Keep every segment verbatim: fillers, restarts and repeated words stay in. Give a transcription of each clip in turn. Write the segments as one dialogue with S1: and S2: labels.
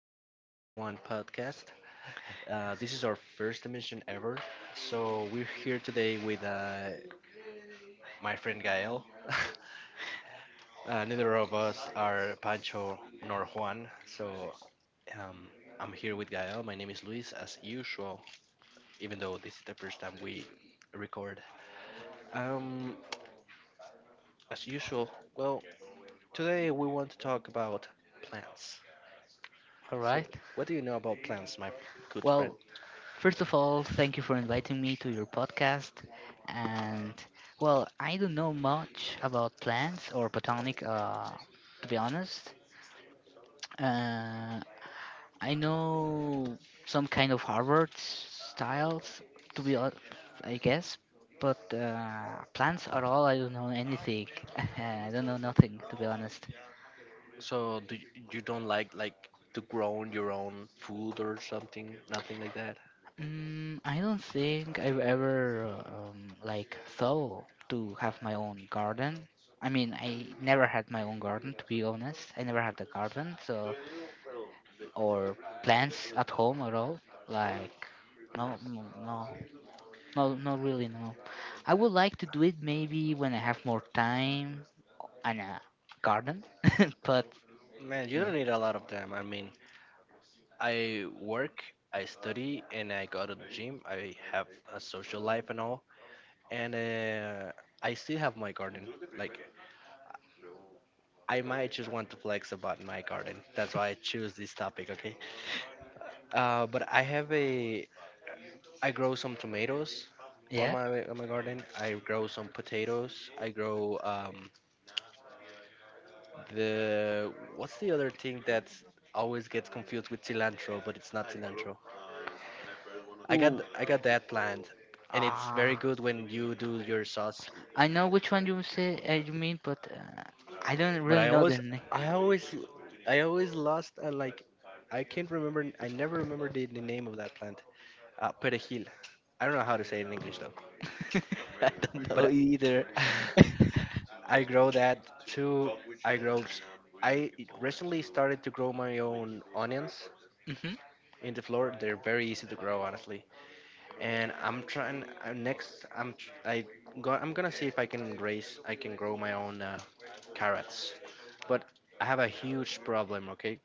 S1: Pancho and Juan podcast. Uh, this is our first emission ever, so we're here today with uh, my friend Gael. Uh, neither of us are Pancho nor Juan, so um, I'm here with Gael. My name is Luis, as usual, even though this is the first time we record. Um, as usual, well, today we want to talk about plants.
S2: All
S1: So,
S2: right.
S1: what do you know about plants, my good friend?
S2: Well, first of all, thank you for inviting me to your podcast. And well, I don't know much about plants or botanic, uh, to be honest. Uh, I know some kind of Harvard styles, to be hon- I guess, but uh, plants at all, I don't know anything. I don't know nothing, to be honest.
S1: So do you, you don't like like to grow your own food or something? Nothing like that.
S2: Mm, I don't think I've ever um, like thought to have my own garden. I mean, I never had my own garden, to be honest. I never had a garden, so or plants at home at all. Like, no, no, no, no, not really. No, I would like to do it maybe when I have more time and a garden, but
S1: Man, you
S2: yeah,
S1: don't need a lot of them. I mean, I work, I study, and I go to the gym. I have a social life and all, and uh, I still have my garden. Like, I might just want to flex about my garden. That's why I choose this topic. Okay. Uh, but I have a, I grow some tomatoes on
S2: yeah.
S1: my on my garden. I grow some potatoes. I grow um the— what's the other thing that always gets confused with cilantro, but it's not cilantro. I
S2: Ooh,
S1: got I got that plant, and it's very good when you do your sauce.
S2: I know which one you say, uh, you mean, but uh, I don't
S1: But
S2: really
S1: I
S2: know the
S1: always
S2: name.
S1: I always I always lost uh, like I can't remember. I never remember the, the name of that plant. Uh, perejil. I don't know how to say it in English though.
S2: I don't
S1: But
S2: know
S1: uh,
S2: either.
S1: I grow that too. I grow. S- I recently started to grow my own onions
S2: Hmm.
S1: in the floor. They're very easy to grow, honestly. And I'm trying uh, next. I'm tr- I go, I'm gonna see if I can raise. I can grow my own uh, carrots, but I have a huge problem. Okay,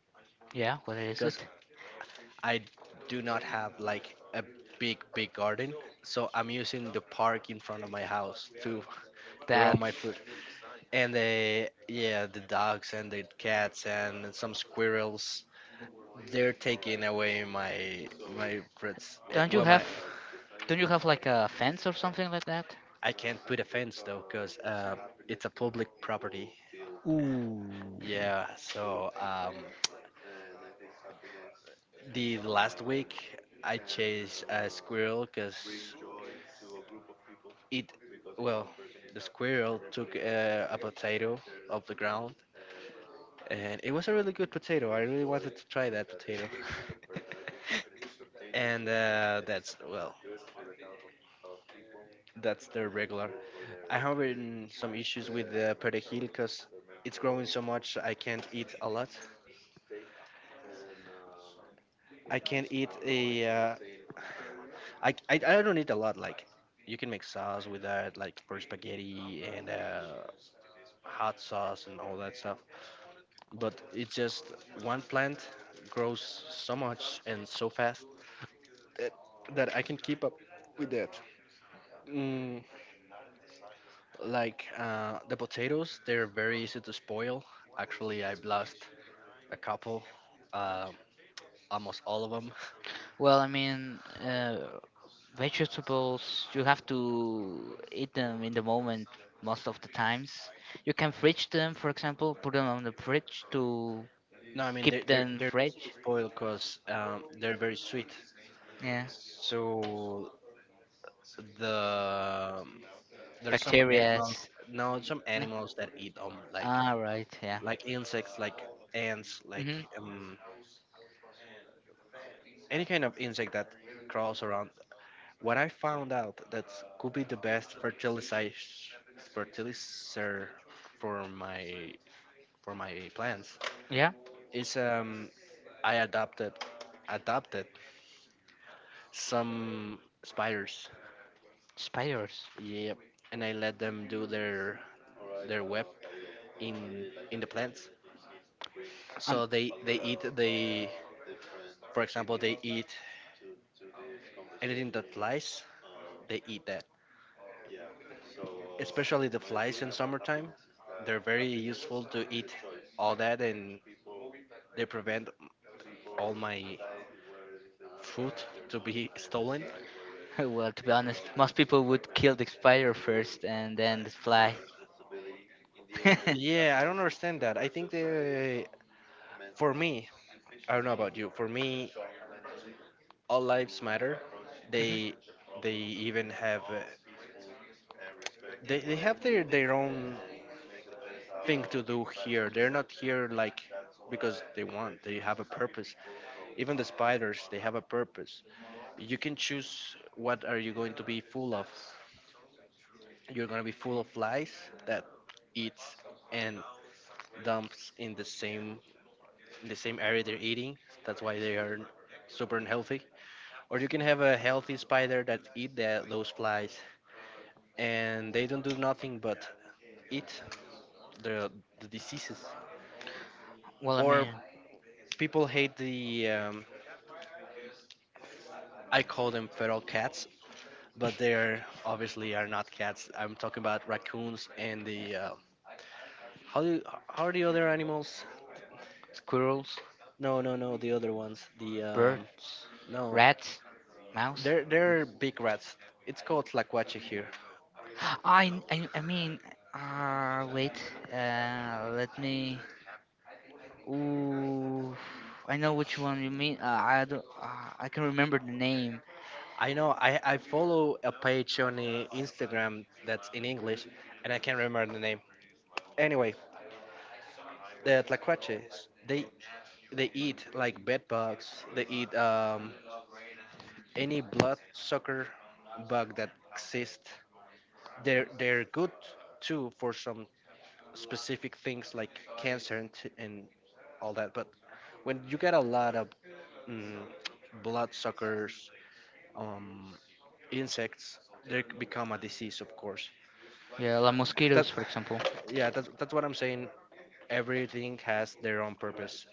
S2: Yeah, what is
S1: because
S2: it?
S1: I do not have like a big big garden, so I'm using the park in front of my house to grow
S2: That
S1: my food. And the yeah, the dogs and the cats and some squirrels. They're taking away my my fruits. eh,
S2: don't you
S1: Well,
S2: have
S1: my—
S2: don't you have like a fence or something like that?
S1: I can't put a fence though, cause uh, it's a public property.
S2: Ooh.
S1: Yeah. So um, the last week I chased a squirrel, cause it, well, the squirrel took uh, a potato off the ground, and it was a really good potato. I really wanted to try that potato, and uh, that's well, that's the regular. I have in some issues with the perejil, cause it's growing so much I can't eat a lot. I can't eat a uh, I, I I don't eat a lot. Like you can make sauce with that, like for spaghetti and uh, hot sauce and all that stuff. But it's just one plant grows so much and so fast that, that I can keep up with that. Mm, like uh, the potatoes, they're very easy to spoil. Actually, I've lost a couple, um, almost all of them.
S2: Well, I mean, uh, vegetables you have to eat them in the moment most of the times. You can fridge them, for example, put them on the fridge to
S1: No, I mean they,
S2: keep
S1: they're
S2: them
S1: they're
S2: fresh.
S1: easy to spoil because um, they're very sweet.
S2: Yeah,
S1: So the um, there's some
S2: bacteria.
S1: animals— no, some animals that eat um like—
S2: Ah, right. Yeah.
S1: like insects, like ants, like
S2: Mhm.
S1: um any kind of insect that crawls around. What I found out, that could be the best fertilizer fertilizer for my for my plants
S2: Yeah,
S1: is um I adopted adopted some spiders,
S2: spiders.
S1: yep, and I let them do their their web in— in the plants.
S2: Um,
S1: So they they eat they, for example, they eat anything that flies. They eat that, especially the flies in summertime. They're very useful to eat all that, and they prevent all my food to be stolen.
S2: well, to be honest, most people would kill the spider first and then the fly.
S1: Yeah, I don't understand that. I think they, for me— I don't know about you. For me, all lives matter.
S2: Mhm.
S1: They— they even have, uh, they, they have their their own thing to do here. They're not here like because they want. They have a purpose. Even the spiders, they have a purpose. You can choose what are you going to be full of. You're going to be full of flies that eats and dumps in the same— in the same area they're eating. That's why they are super unhealthy. Or you can have a healthy spider that eat the, those flies and they don't do nothing but eat the, the diseases.
S2: Well, I
S1: Or
S2: mean,
S1: people hate the um, I call them feral cats, but they're obviously are not cats. I'm talking about raccoons and the uh, how do— how are the other animals?
S2: squirrels,
S1: No, no, no, the other ones. The um,
S2: birds,
S1: no,
S2: rats, mouse.
S1: they're— they're big rats. It's called Tlacuache here.
S2: I I, I mean, uh, wait. Uh, let me. Ooh, I know which one you mean. Uh, I don't. Uh, I can remember the name.
S1: I know. I I follow a page on uh, Instagram that's in English, and I can't remember the name. Anyway, the Tlacuaches, they— they eat like bed bugs. They eat um any blood sucker bug that exists. They're— they're good too for some specific things like cancer and, t- and all that, but when you get a lot of mm, bloodsuckers, um insects, they c- become a disease, of course.
S2: Yeah, La
S1: That
S2: Mosquitoes, for example.
S1: Yeah, that's, that's what I'm saying. Everything has their own purpose.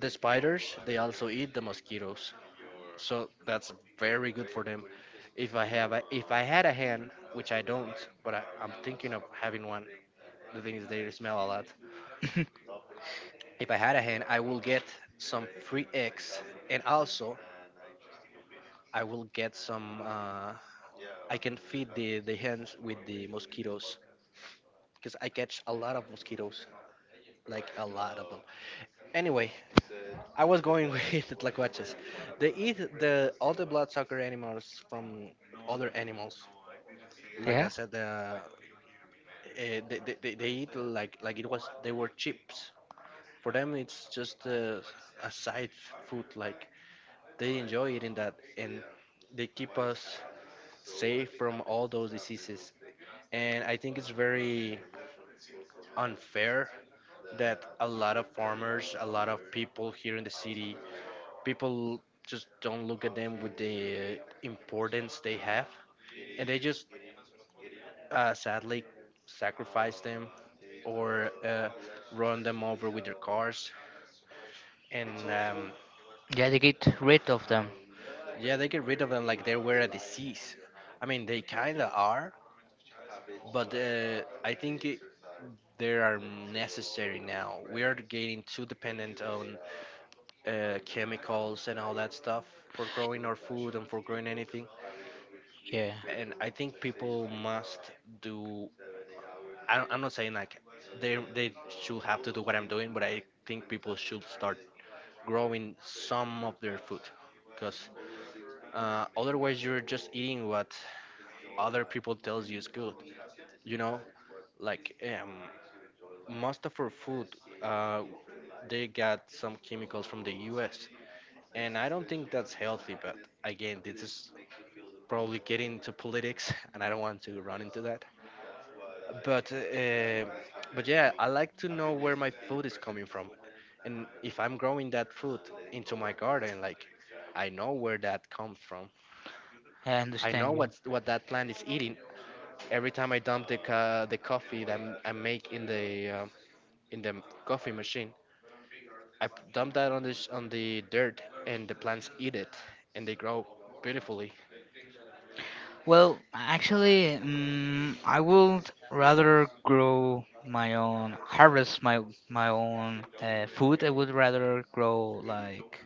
S1: The spiders, they also eat the mosquitoes, so that's very good for them. If i have a, if I had a hen, which I don't, but I, I'm thinking of having one. The thing is they smell a lot. If I had a hen, I will get some free eggs, and also I will get some. Uh, I can feed the the hens with the mosquitoes because I catch a lot of mosquitoes, like a lot of them. Anyway, I was going with the tlacuaches. They eat the all the bloodsucker animals from other animals. Like I
S2: Yeah.
S1: said, the, eh, they, they, they they eat like— like it was— they were chips. For them, it's just uh, a side food, like— they enjoy eating that and they keep us safe from all those diseases. And I think it's very unfair that a lot of farmers, a lot of people here in the city, people just don't look at them with the uh, importance they have. And they just uh, sadly sacrifice them or uh, run them over with their cars. And um,
S2: Yeah, they get rid of them.
S1: yeah, they get rid of them like they were a disease. I mean, they kind of are, but uh, I think it— they are necessary now. We are getting too dependent on uh, chemicals and all that stuff for growing our food and for growing anything.
S2: Yeah,
S1: And I think people must do— I don't, I'm not saying like they they should have to do what I'm doing, but I think people should start growing some of their food, because uh, otherwise you're just eating what other people tells you is good. You know, like um, most of our food, uh, they got some chemicals from the U S, and I don't think that's healthy, but again, this is probably getting into politics and I don't want to run into that, but uh, but yeah, I like to know where my food is coming from, and if I'm growing that food into my garden, like, I know where that comes from.
S2: yeah, I
S1: I know
S2: understand you.
S1: what— what that plant is eating. Every time I dump the, ca- the coffee that I'm- I make in the uh, in the coffee machine, I p- dump that on the sh- on the dirt, and the plants eat it, and they grow beautifully.
S2: Well, actually, mm I would rather grow my own, harvest my my own uh, food. I would rather grow like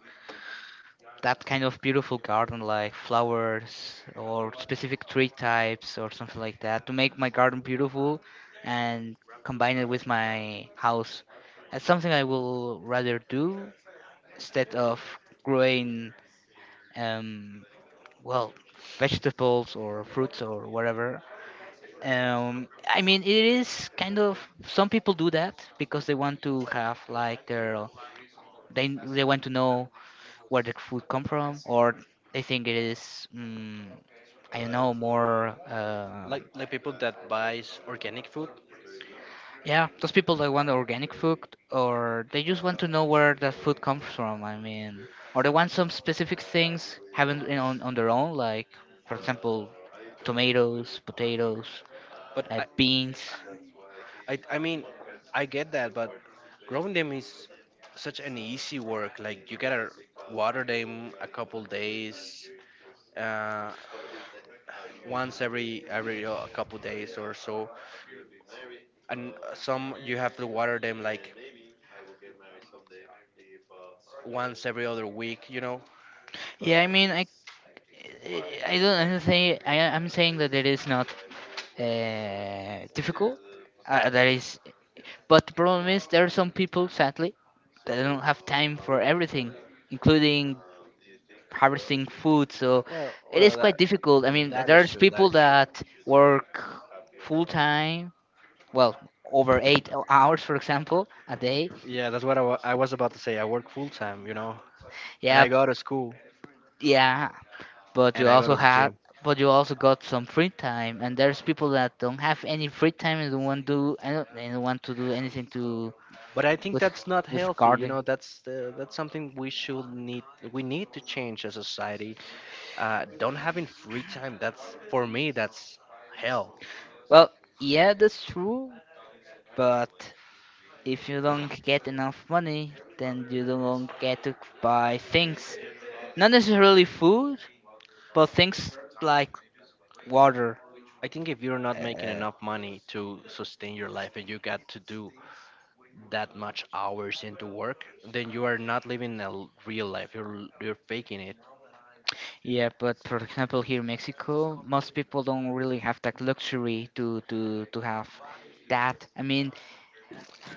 S2: that kind of beautiful garden, like flowers or specific tree types or something like that, to make my garden beautiful and combine it with my house. That's something I will rather do instead of growing, um, well, vegetables or fruits or whatever. um, I mean, it is kind of, some people do that because they want to have like their they they want to know where the food come from, or they think it is, mm, I don't know more.
S1: Like—
S2: Um,
S1: like people that buys organic food.
S2: yeah, those people that want organic food, or they just want to know where that food comes from. I mean, or they want some specific things having you on on their own, like, for example, tomatoes, potatoes,
S1: But
S2: uh,
S1: I,
S2: beans.
S1: I, I mean, I get that, but growing them is such an easy work. Like you gotta water them a couple days, uh, once every every uh, couple days or so. And some you have to water them like once every other week. You know.
S2: Yeah, I mean, I I don't. I'm saying. I, I'm saying that it is not uh, difficult. Uh, that is. But the problem is there are some people, sadly, that don't have time for everything, including harvesting food. So
S1: well,
S2: it is
S1: well, that,
S2: quite difficult. I mean,
S1: That is
S2: there's
S1: true. That
S2: people
S1: is true.
S2: that work full time. Well, over eight hours, for example, a day.
S1: Yeah, that's what I wa- I was about to say. I work full time, you know, and
S2: Yeah,
S1: I go to school
S2: yeah. but
S1: and
S2: you
S1: I go
S2: also
S1: to the
S2: had
S1: gym.
S2: but you also got some free time, and there's people that don't have any free time and don't want do and and want to do anything to
S1: But I think
S2: with
S1: that's not
S2: with
S1: healthy. You
S2: gardening.
S1: know, that's uh, that's something we should need. We need to change as a society. Uh, don't having free time. That's for me. That's hell.
S2: Well, yeah, that's true. But if you don't get enough money, then you don't get to buy things, not necessarily food, but things like water.
S1: I think if you're not making
S2: Uh,
S1: enough money to sustain your life and you got to do that much hours into work, then you are not living a l- real life. You're l- you're faking it.
S2: Yeah, but for example, here in Mexico, most people don't really have that luxury to to to have that. I mean,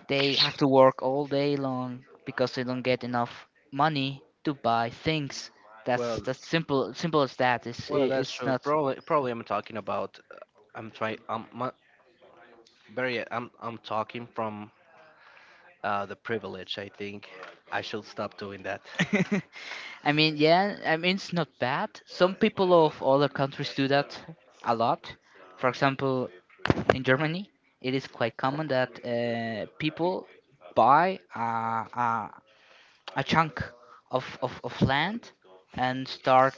S2: they have to work all day long because they don't get enough money to buy things. That's that's simple simple as that. It's i-
S1: Well, that's
S2: it's
S1: true.
S2: not.
S1: Probably, probably I'm talking about. Uh, I'm trying. I'm mu- very. I'm. I'm talking from uh, the privilege. I think I should stop doing that.
S2: I mean, yeah, I mean, it's not bad. Some people of other countries do that a lot. For example, in Germany, it is quite common that, uh, people buy a, a chunk of, of, of land and start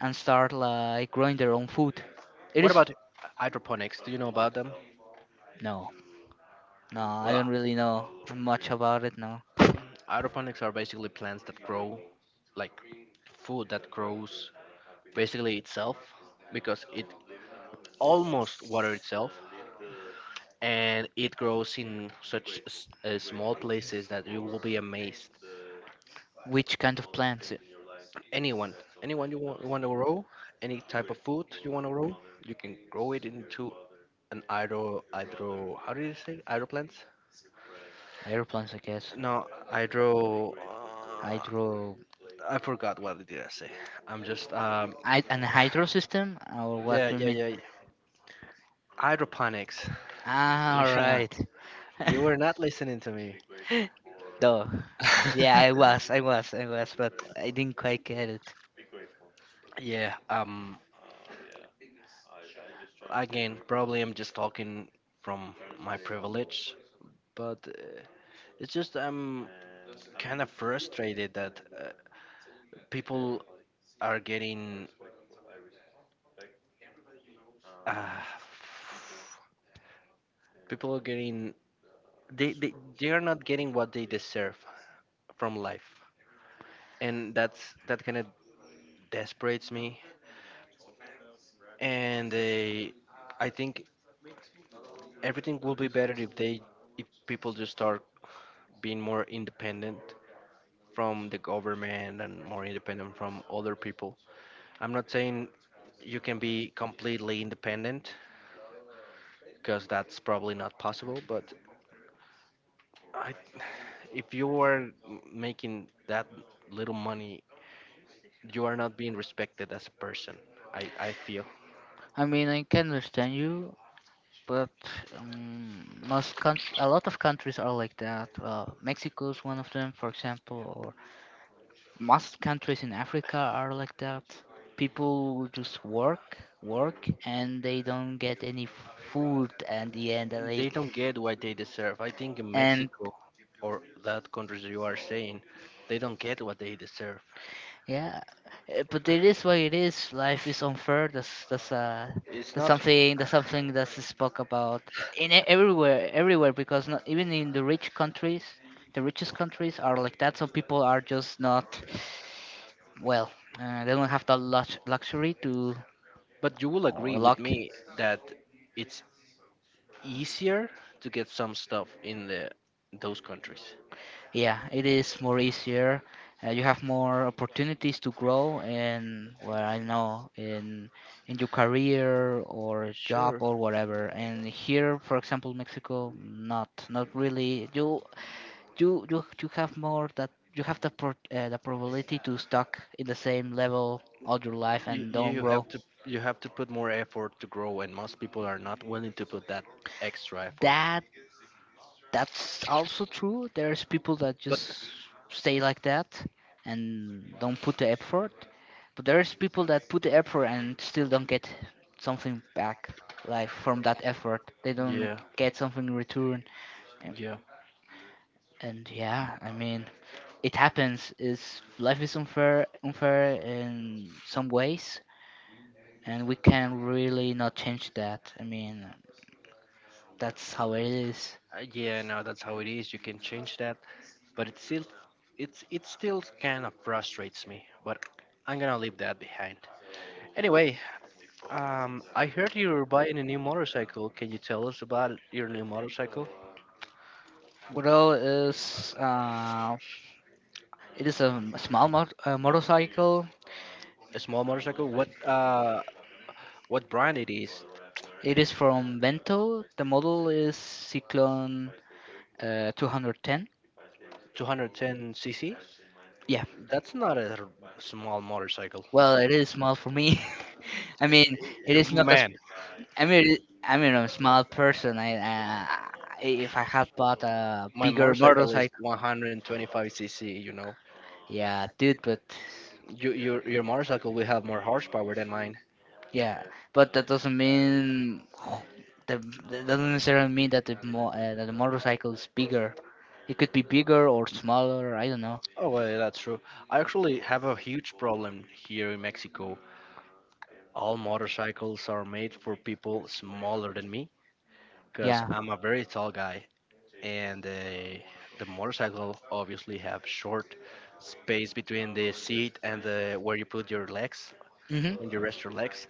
S2: and start like growing their own food. It
S1: What
S2: is
S1: about hydroponics? Do you know about them?
S2: no, no, I
S1: Well,
S2: don't really know much about it. No,
S1: hydroponics are basically plants that grow like— food that grows basically itself because it almost water itself and it grows in such s- uh, small places that you will be amazed.
S2: which kind of plants?
S1: anyone Anyone you— want you want to grow, any type of food you want to grow, you can grow it into an hydro hydro how did you say? Hydro plants?
S2: Aeroplanes, I guess.
S1: No, hydro uh,
S2: Hydro,
S1: I forgot. What did I say? I'm just um
S2: I, an hydro system, or what
S1: Yeah,
S2: do you
S1: yeah,
S2: mean?
S1: yeah, yeah. Hydroponics.
S2: Ah, all
S1: yeah,
S2: right.
S1: you were not listening to me.
S2: Duh. Yeah, I was, I was, I was, but I didn't quite get it.
S1: yeah, um again probably I'm just talking from my privilege, but uh, it's just um kind of frustrated that, uh, people are getting, uh, people are getting, they, they they are not getting what they deserve from life, and that's that kind of desperates me. And they, I think everything will be better if they, if people just start being more independent from the government and more independent from other people. I'm not saying you can be completely independent because that's probably not possible, but I, if you are making that little money, you are not being respected as a person. I, I feel
S2: I mean, I can understand you. but um, most country, a lot of countries are like that. Uh, Mexico is one of them, for example, or most countries in Africa are like that. People just work, work, and they don't get any food at the end.
S1: they
S2: Like,
S1: don't get what they deserve. I think in
S2: and,
S1: Mexico or that countries you are saying, they don't get what they deserve.
S2: yeah, eh, but it is what it is. Life is unfair. That's that's uh
S1: It's
S2: that's
S1: not,
S2: something that's something that's spoke about in e- everywhere everywhere, because, not even in the rich countries, the richest countries are like that. Some people are just not well. Uh, they don't have the lux- luxury to,
S1: but you will
S2: or
S1: agree with
S2: luck.
S1: me that it's easier to get some stuff in the those countries.
S2: Yeah, it is more easier. Uh, you have more opportunities to grow in, well, I know, in in your career or job
S1: Sure.
S2: or whatever. And here, for example, Mexico, not not really. You you you you have more that you have the pro, uh, the probability to stuck in the same level all your life
S1: you,
S2: and don't
S1: you have
S2: grow.
S1: to, you have to put more effort to grow, and most people are not willing to put that extra effort.
S2: That that's also true. There's people that
S1: But
S2: just stay like that and don't put the effort. But there's people that put the effort and still don't get something back, like from that effort. They don't
S1: yeah,
S2: get something in return. And,
S1: yeah.
S2: and yeah, I mean, it happens. Is life is unfair, unfair in some ways, and we can really not change that. I mean, that's how it is.
S1: Uh, yeah, no, that's how it is, you can change that, but it still, it's it still kind of frustrates me. But I'm gonna leave that behind anyway. um I heard you were buying a new motorcycle. Can you tell us about your new motorcycle?
S2: What else is uh, It is a m- small mot- uh, motorcycle.
S1: A small motorcycle. What, uh what brand it is?
S2: It is from Vento. The model is Cyclone, uh, two hundred ten.
S1: two ten cc?
S2: Yeah.
S1: That's not a r- small motorcycle.
S2: Well, it is small for me. I
S1: Eh,
S2: mean, it
S1: car.
S2: is not as,
S1: Man,
S2: I mean, it- I mean, I'm a small person. I, uh, if I had bought a
S1: my
S2: bigger
S1: motorcycle is
S2: motorcycle,
S1: one twenty-five cc, you know.
S2: yeah, dude. But
S1: You, your, your motorcycle will have more horsepower than mine.
S2: yeah, but that doesn't mean the that doesn't necessarily mean that the mo- uh, that the motorcycle is bigger. It could be bigger or smaller. I don't know.
S1: Oh, well, that's true. I actually have a huge problem here in Mexico. All motorcycles are made for people smaller than me because,
S2: Yeah.
S1: yeah. I'm a very tall guy, and uh, the motorcycle obviously have short space between the seat and the where you put your legs
S2: Mhm.
S1: when you rest your legs.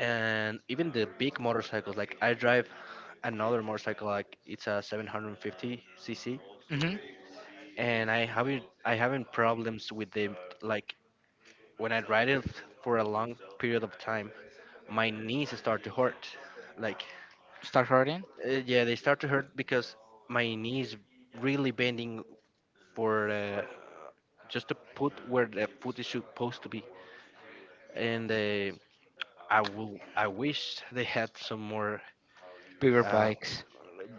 S1: And even the big motorcycles, like I drive another motorcycle, like it's a seven fifty cc,
S2: Mhm.
S1: and I haven't I having problems with the, like, when I ride it for a long period of time, my knees start to hurt, like,
S2: Start hurting.
S1: uh, yeah, they start to hurt because my knees really bending for, uh, just to put where the foot is supposed to be, and uh, i will i wish they had some more,
S2: Bigger
S1: uh,
S2: bikes.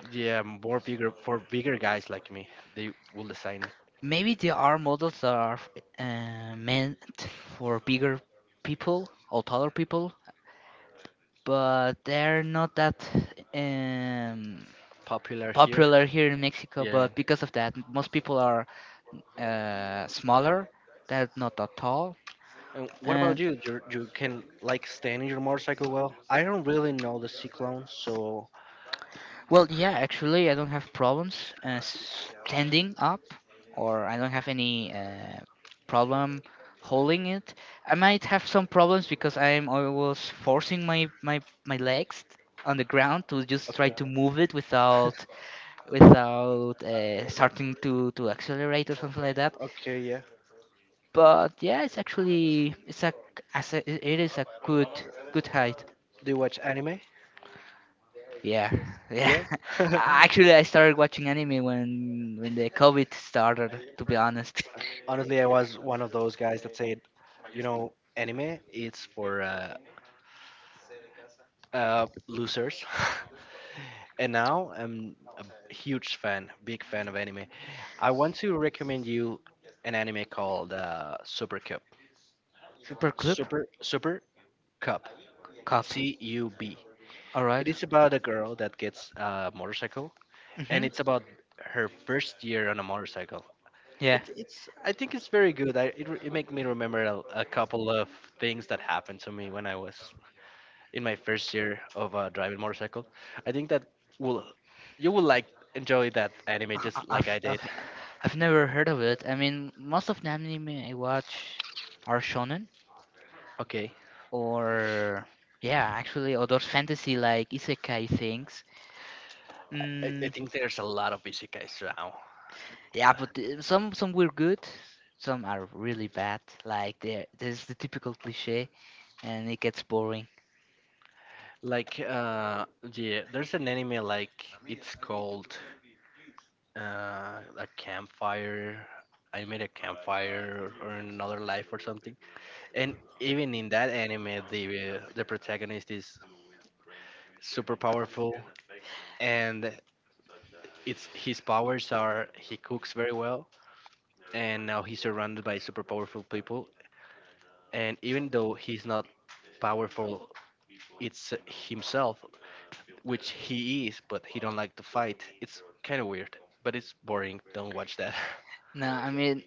S1: yeah, more bigger for bigger guys like me. They will design
S2: Maybe there are models that are uh, meant for bigger people or taller people, but they're not that um,
S1: popular here.
S2: popular here in Mexico.
S1: Yeah.
S2: But because of that, most people are uh, smaller. They're not that tall.
S1: And what about
S2: And
S1: you? You you can like stand in your motorcycle well? I don't really know the Cyclone, so
S2: well, yeah, actually, I don't have problems uh, standing up, or I don't have any uh, problem holding it. I might have some problems because I'm always forcing my, my, my legs on the ground to just try
S1: okay.
S2: to move it without without uh, starting to, to accelerate or something like that.
S1: Okay, yeah.
S2: But yeah, it's actually it's a, as a it is a good good height.
S1: Do you watch anime?
S2: Yeah, yeah.
S1: Yeah.
S2: Actually, I started watching anime when when the COVID started. To be honest,
S1: Honestly, I was one of those guys that said, you know, anime it's for uh, uh losers. And now I'm a huge fan, big fan of anime. I want to recommend you an anime called uh, Super Cup.
S2: Super Club.
S1: Super Super Cup.
S2: Cup.
S1: C U B.
S2: All
S1: It
S2: right.
S1: is about a girl that gets a motorcycle, and
S2: Mhm.
S1: it's about her first year on a motorcycle.
S2: Yeah.
S1: It's it's. I think it's very good. I it, re- it make me remember a, a couple of things that happened to me when I was in my first year of uh, driving motorcycle. I think that will, you will like, enjoy that anime
S2: I-
S1: just like
S2: I've,
S1: I did.
S2: I've I've never heard of it. I mean, most of the anime I watch are shonen,
S1: Okay,
S2: or, yeah, actually, or those fantasy, like isekai things.
S1: I, I
S2: Mm,
S1: I think there's a lot of isekais now.
S2: Yeah, but the- some some were good, some are really bad. Like, there, there's the typical cliche, and it gets boring.
S1: Like, uh yeah, there's an anime, like it's called uh a campfire. I made a campfire, or, or another life or something. And even in that anime, the, uh, the protagonist is super powerful, and it's his powers are he cooks very well, and now he's surrounded by super powerful people. And even though he's not powerful, it's uh, himself, which he is, but he don't like to fight. It's kind of weird, but it's boring. Don't watch that.
S2: No, I mean,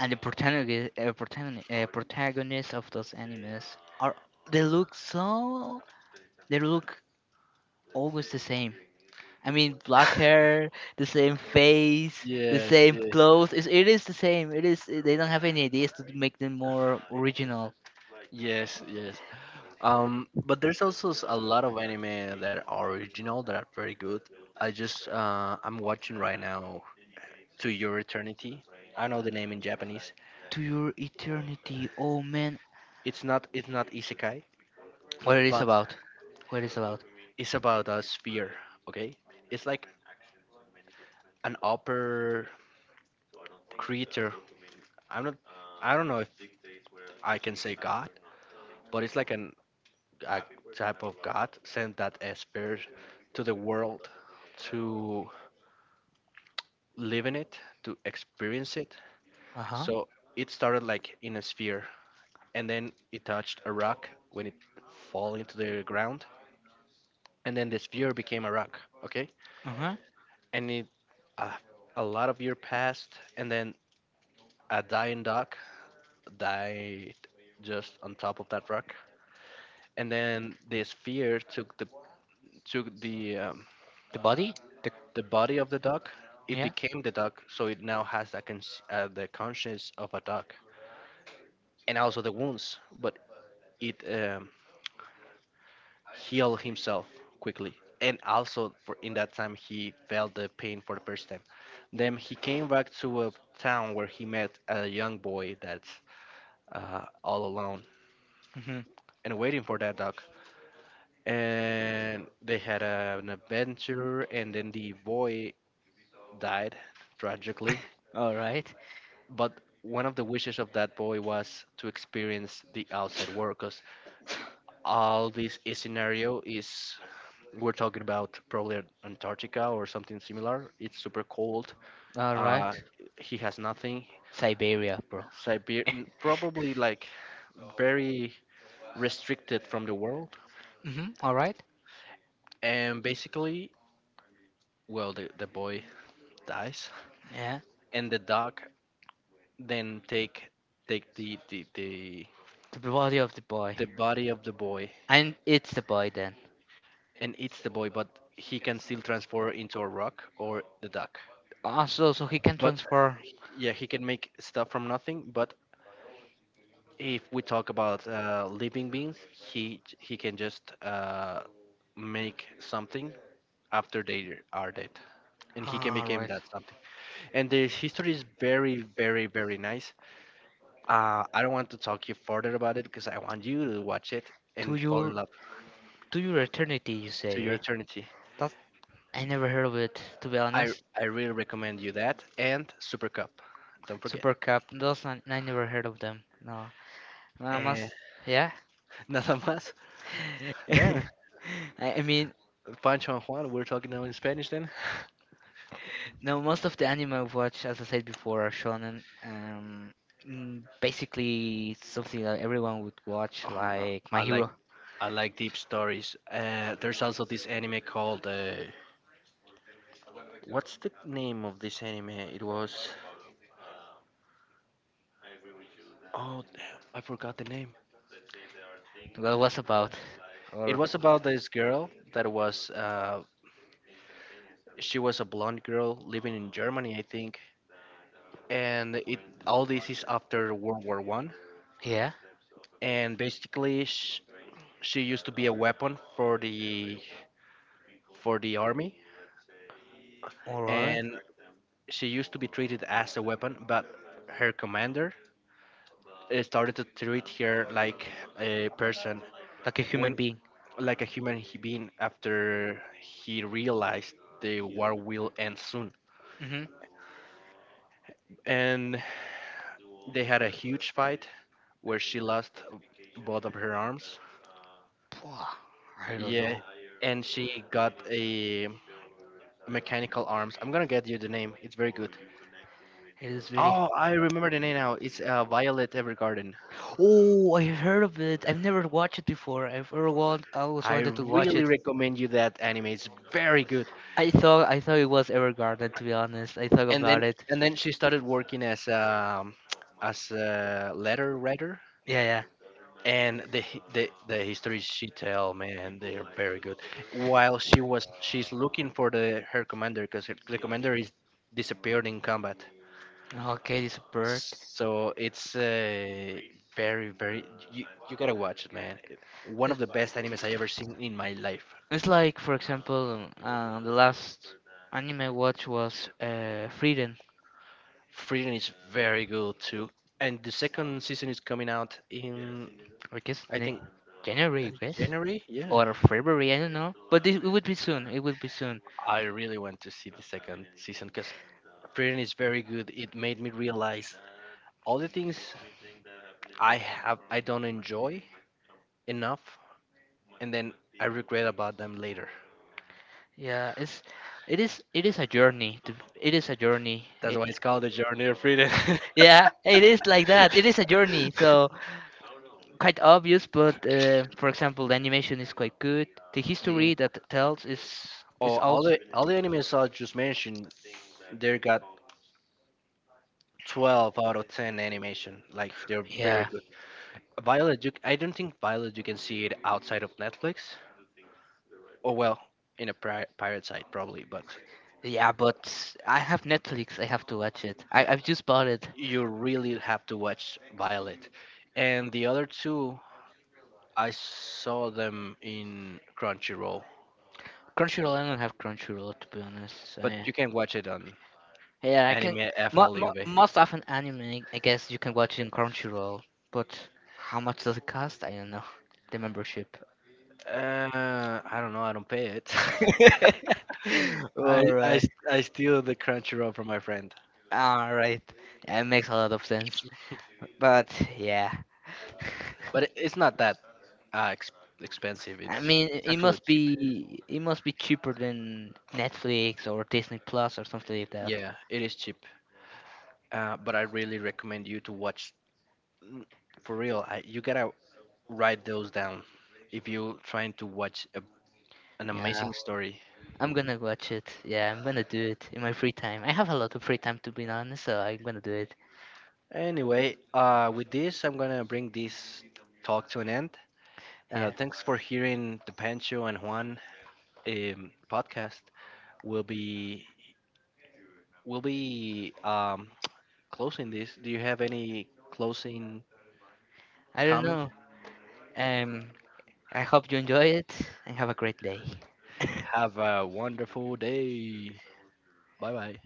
S2: and the protagonist, uh, protagonist, uh, protagonists of those animes are, they look so they look always the same. I mean, black hair, the same face, the
S1: yes,
S2: same
S1: yes,
S2: clothes. It's, it is the same. It is. They don't have any ideas to make them more original.
S1: yes, yes. Um, but there's also s- a lot of anime that are original that are very good. I just uh, I'm watching right now To Your Eternity. I know the name in Japanese.
S2: To your eternity, oh man!
S1: It's not it's not isekai,
S2: What it is
S1: but
S2: about? What it is about?
S1: it's about a sphere, okay? It's like an upper creature. I'm not. I don't know if I can say God, but it's like an, a type of God sent that a spirit to the world to live in it, to experience it.
S2: Uh huh.
S1: So it started like in a sphere, and then it touched a rock when it fall into the ground, and then the sphere became a rock. Okay,
S2: Uh huh.
S1: and it, uh, a lot of year passed, and then a dying dog died just on top of that rock. And then the sphere took the, took the um,
S2: The body? The
S1: the body of the dog. It
S2: Yeah.
S1: became the dog, so it now has that cons- uh, the conscience of a dog, and also the wounds. But it um, healed himself quickly, and also for in that time he felt the pain for the first time. Then he came back to a town where he met a young boy that's uh, all alone
S2: Mhm.
S1: and waiting for that dog. And they had a, an adventure, and then the boy died tragically.
S2: All right.
S1: But one of the wishes of that boy was to experience the outside world because all this i- scenario is, we're talking about probably Antarctica or something similar, it's super cold.
S2: All
S1: uh,
S2: right.
S1: he has nothing.
S2: Siberia, bro.
S1: Siberia, probably, like very restricted from the world.
S2: Mhm. All right.
S1: And basically, well, the, the boy dies,
S2: Yeah.
S1: and the dog then take, take the the the,
S2: The body of the boy.
S1: the body of the boy,
S2: And it's the boy then.
S1: and eats the boy. But he can still transform into a rock or the duck.
S2: Ah, so so he can
S1: But
S2: transfer.
S1: yeah, he can make stuff from nothing. But if we talk about uh, living beings, he j- he can just uh, make something after they are dead, and he can
S2: All
S1: become
S2: right.
S1: that something. And the history is very, very, very nice. Uh, I don't want to talk you further about it because I want you to watch it
S2: To
S1: and fall in
S2: your
S1: love.
S2: to your eternity, you
S1: To
S2: say,
S1: your
S2: right?
S1: eternity.
S2: That I never heard of it, to be
S1: I
S2: honest.
S1: I really recommend you that and Super Cup. Don't forget.
S2: Super Cup, those, I, I never heard of them. No, I
S1: Eh,
S2: must. Yeah.
S1: nada más. Then
S2: I I mean,
S1: Pancho and Juan, we're talking now in Spanish. Then.
S2: no, most of the anime I watch, as I said before, are shonen. Um, mm, basically, it's something that everyone would watch,
S1: Oh no,
S2: like My
S1: I like,
S2: Hero.
S1: I like deep stories. Uh, there's also this anime called uh, what's the name of this anime? It was, oh damn, I forgot the name.
S2: That was about,
S1: It
S2: or,
S1: was about this girl that was uh, she was a blonde girl living in Germany, I think. And it, all this is after World War One,
S2: yeah,
S1: and basically sh- she used to be a weapon for the, for the army.
S2: all right,
S1: And she used to be treated as a weapon, but her commander, uh, started to treat her like a person,
S2: like a human
S1: when,
S2: being.
S1: like a human he- being after he realized the war will end soon.
S2: Mm-hmm.
S1: And they had a huge fight where she lost both of her arms,
S2: I don't
S1: yeah,
S2: know.
S1: and she got a mechanical arms. I'm gonna get you the name, it's very good.
S2: It is really.
S1: Oh, I remember the name now. It's uh, Violet Evergarden.
S2: Oh, I heard of it. I've never watched it before. I've ever want. I always
S1: I
S2: wanted to watch
S1: really
S2: it.
S1: recommend you that anime. It's very good.
S2: I thought I thought it was Evergarden, to be honest. I thought
S1: And then,
S2: about it.
S1: and then she started working as um, as a letter writer.
S2: Yeah, yeah.
S1: And the hi- the the histories she tell, man, they are very good. While she was she's looking for the her commander because the commander is disappeared in combat.
S2: Okay, this bird.
S1: So it's uh, very, very, you you gotta watch it, man. It, one of the best animes I ever seen in my life.
S2: It's like, for example, uh, the last anime I watched was uh, Freedom.
S1: Freedom is very good too. And the second season is coming out in,
S2: I guess,
S1: I
S2: ne-
S1: think, uh,
S2: January, I guess,
S1: January. Yeah.
S2: or February. I don't know, but this, it would be soon. It would be soon.
S1: I really want to see the second season because Freedom is very good. It made me realize all the things I have I don't enjoy enough, and then I regret about them later.
S2: Yeah, it's it is it is a journey. To, it is a journey.
S1: That's
S2: It,
S1: why it's called the Journey of Freedom.
S2: yeah, it is like that. It is a journey. So, quite obvious, but, uh, for example, the animation is quite good. The
S1: The-
S2: history that tells is is
S1: oh, all
S2: also.
S1: the, all the animes I just mentioned, they got twelve out of ten animation. Like they're very
S2: Yeah,
S1: good. Violet, you, I don't think Violet you can see it outside of Netflix. Or well, in a pri- pirate site probably, but
S2: yeah. But I have Netflix. I have to watch it. I I've just bought it.
S1: you really have to watch Violet. And the other two, I saw them in Crunchyroll,
S2: Crunchyroll. I don't have Crunchyroll, to be honest. So,
S1: but
S2: yeah,
S1: you can watch it on
S2: yeah. I can
S1: Anime
S2: mo- mo-
S1: F L U V.
S2: most often anime. I guess you can watch it in Crunchyroll, but how much does it cost? I don't know. The membership.
S1: Uh, I don't know. I don't pay it.
S2: All
S1: I, I,
S2: right,
S1: s- I steal the Crunchyroll from my friend,
S2: all right, it makes a lot of sense. But yeah,
S1: but it, it's not that, ah, ex- expensive.
S2: I
S1: It's
S2: mean,
S1: it's
S2: it
S1: actually
S2: must
S1: cheap.
S2: be it must be cheaper than Netflix or Disney Plus or something like that.
S1: Yeah, it is cheap. Uh, but I really recommend you to watch. n- For real, I, you gotta write those down if you're trying to watch a, an
S2: Yeah,
S1: amazing story.
S2: I'm gonna watch it. Yeah, I'm gonna do it in my free time. I have a lot of free time, to be honest. So I'm gonna do it.
S1: Anyway, uh, with this, I'm gonna bring this talk to an end. Uh,
S2: Yeah.
S1: thanks for hearing the Pancho and Juan um, podcast. We'll be we'll be um, closing this. Do you have any closing
S2: I don't
S1: comments?
S2: know. um I hope you enjoy it and have a great day.
S1: Have a wonderful day. Bye bye.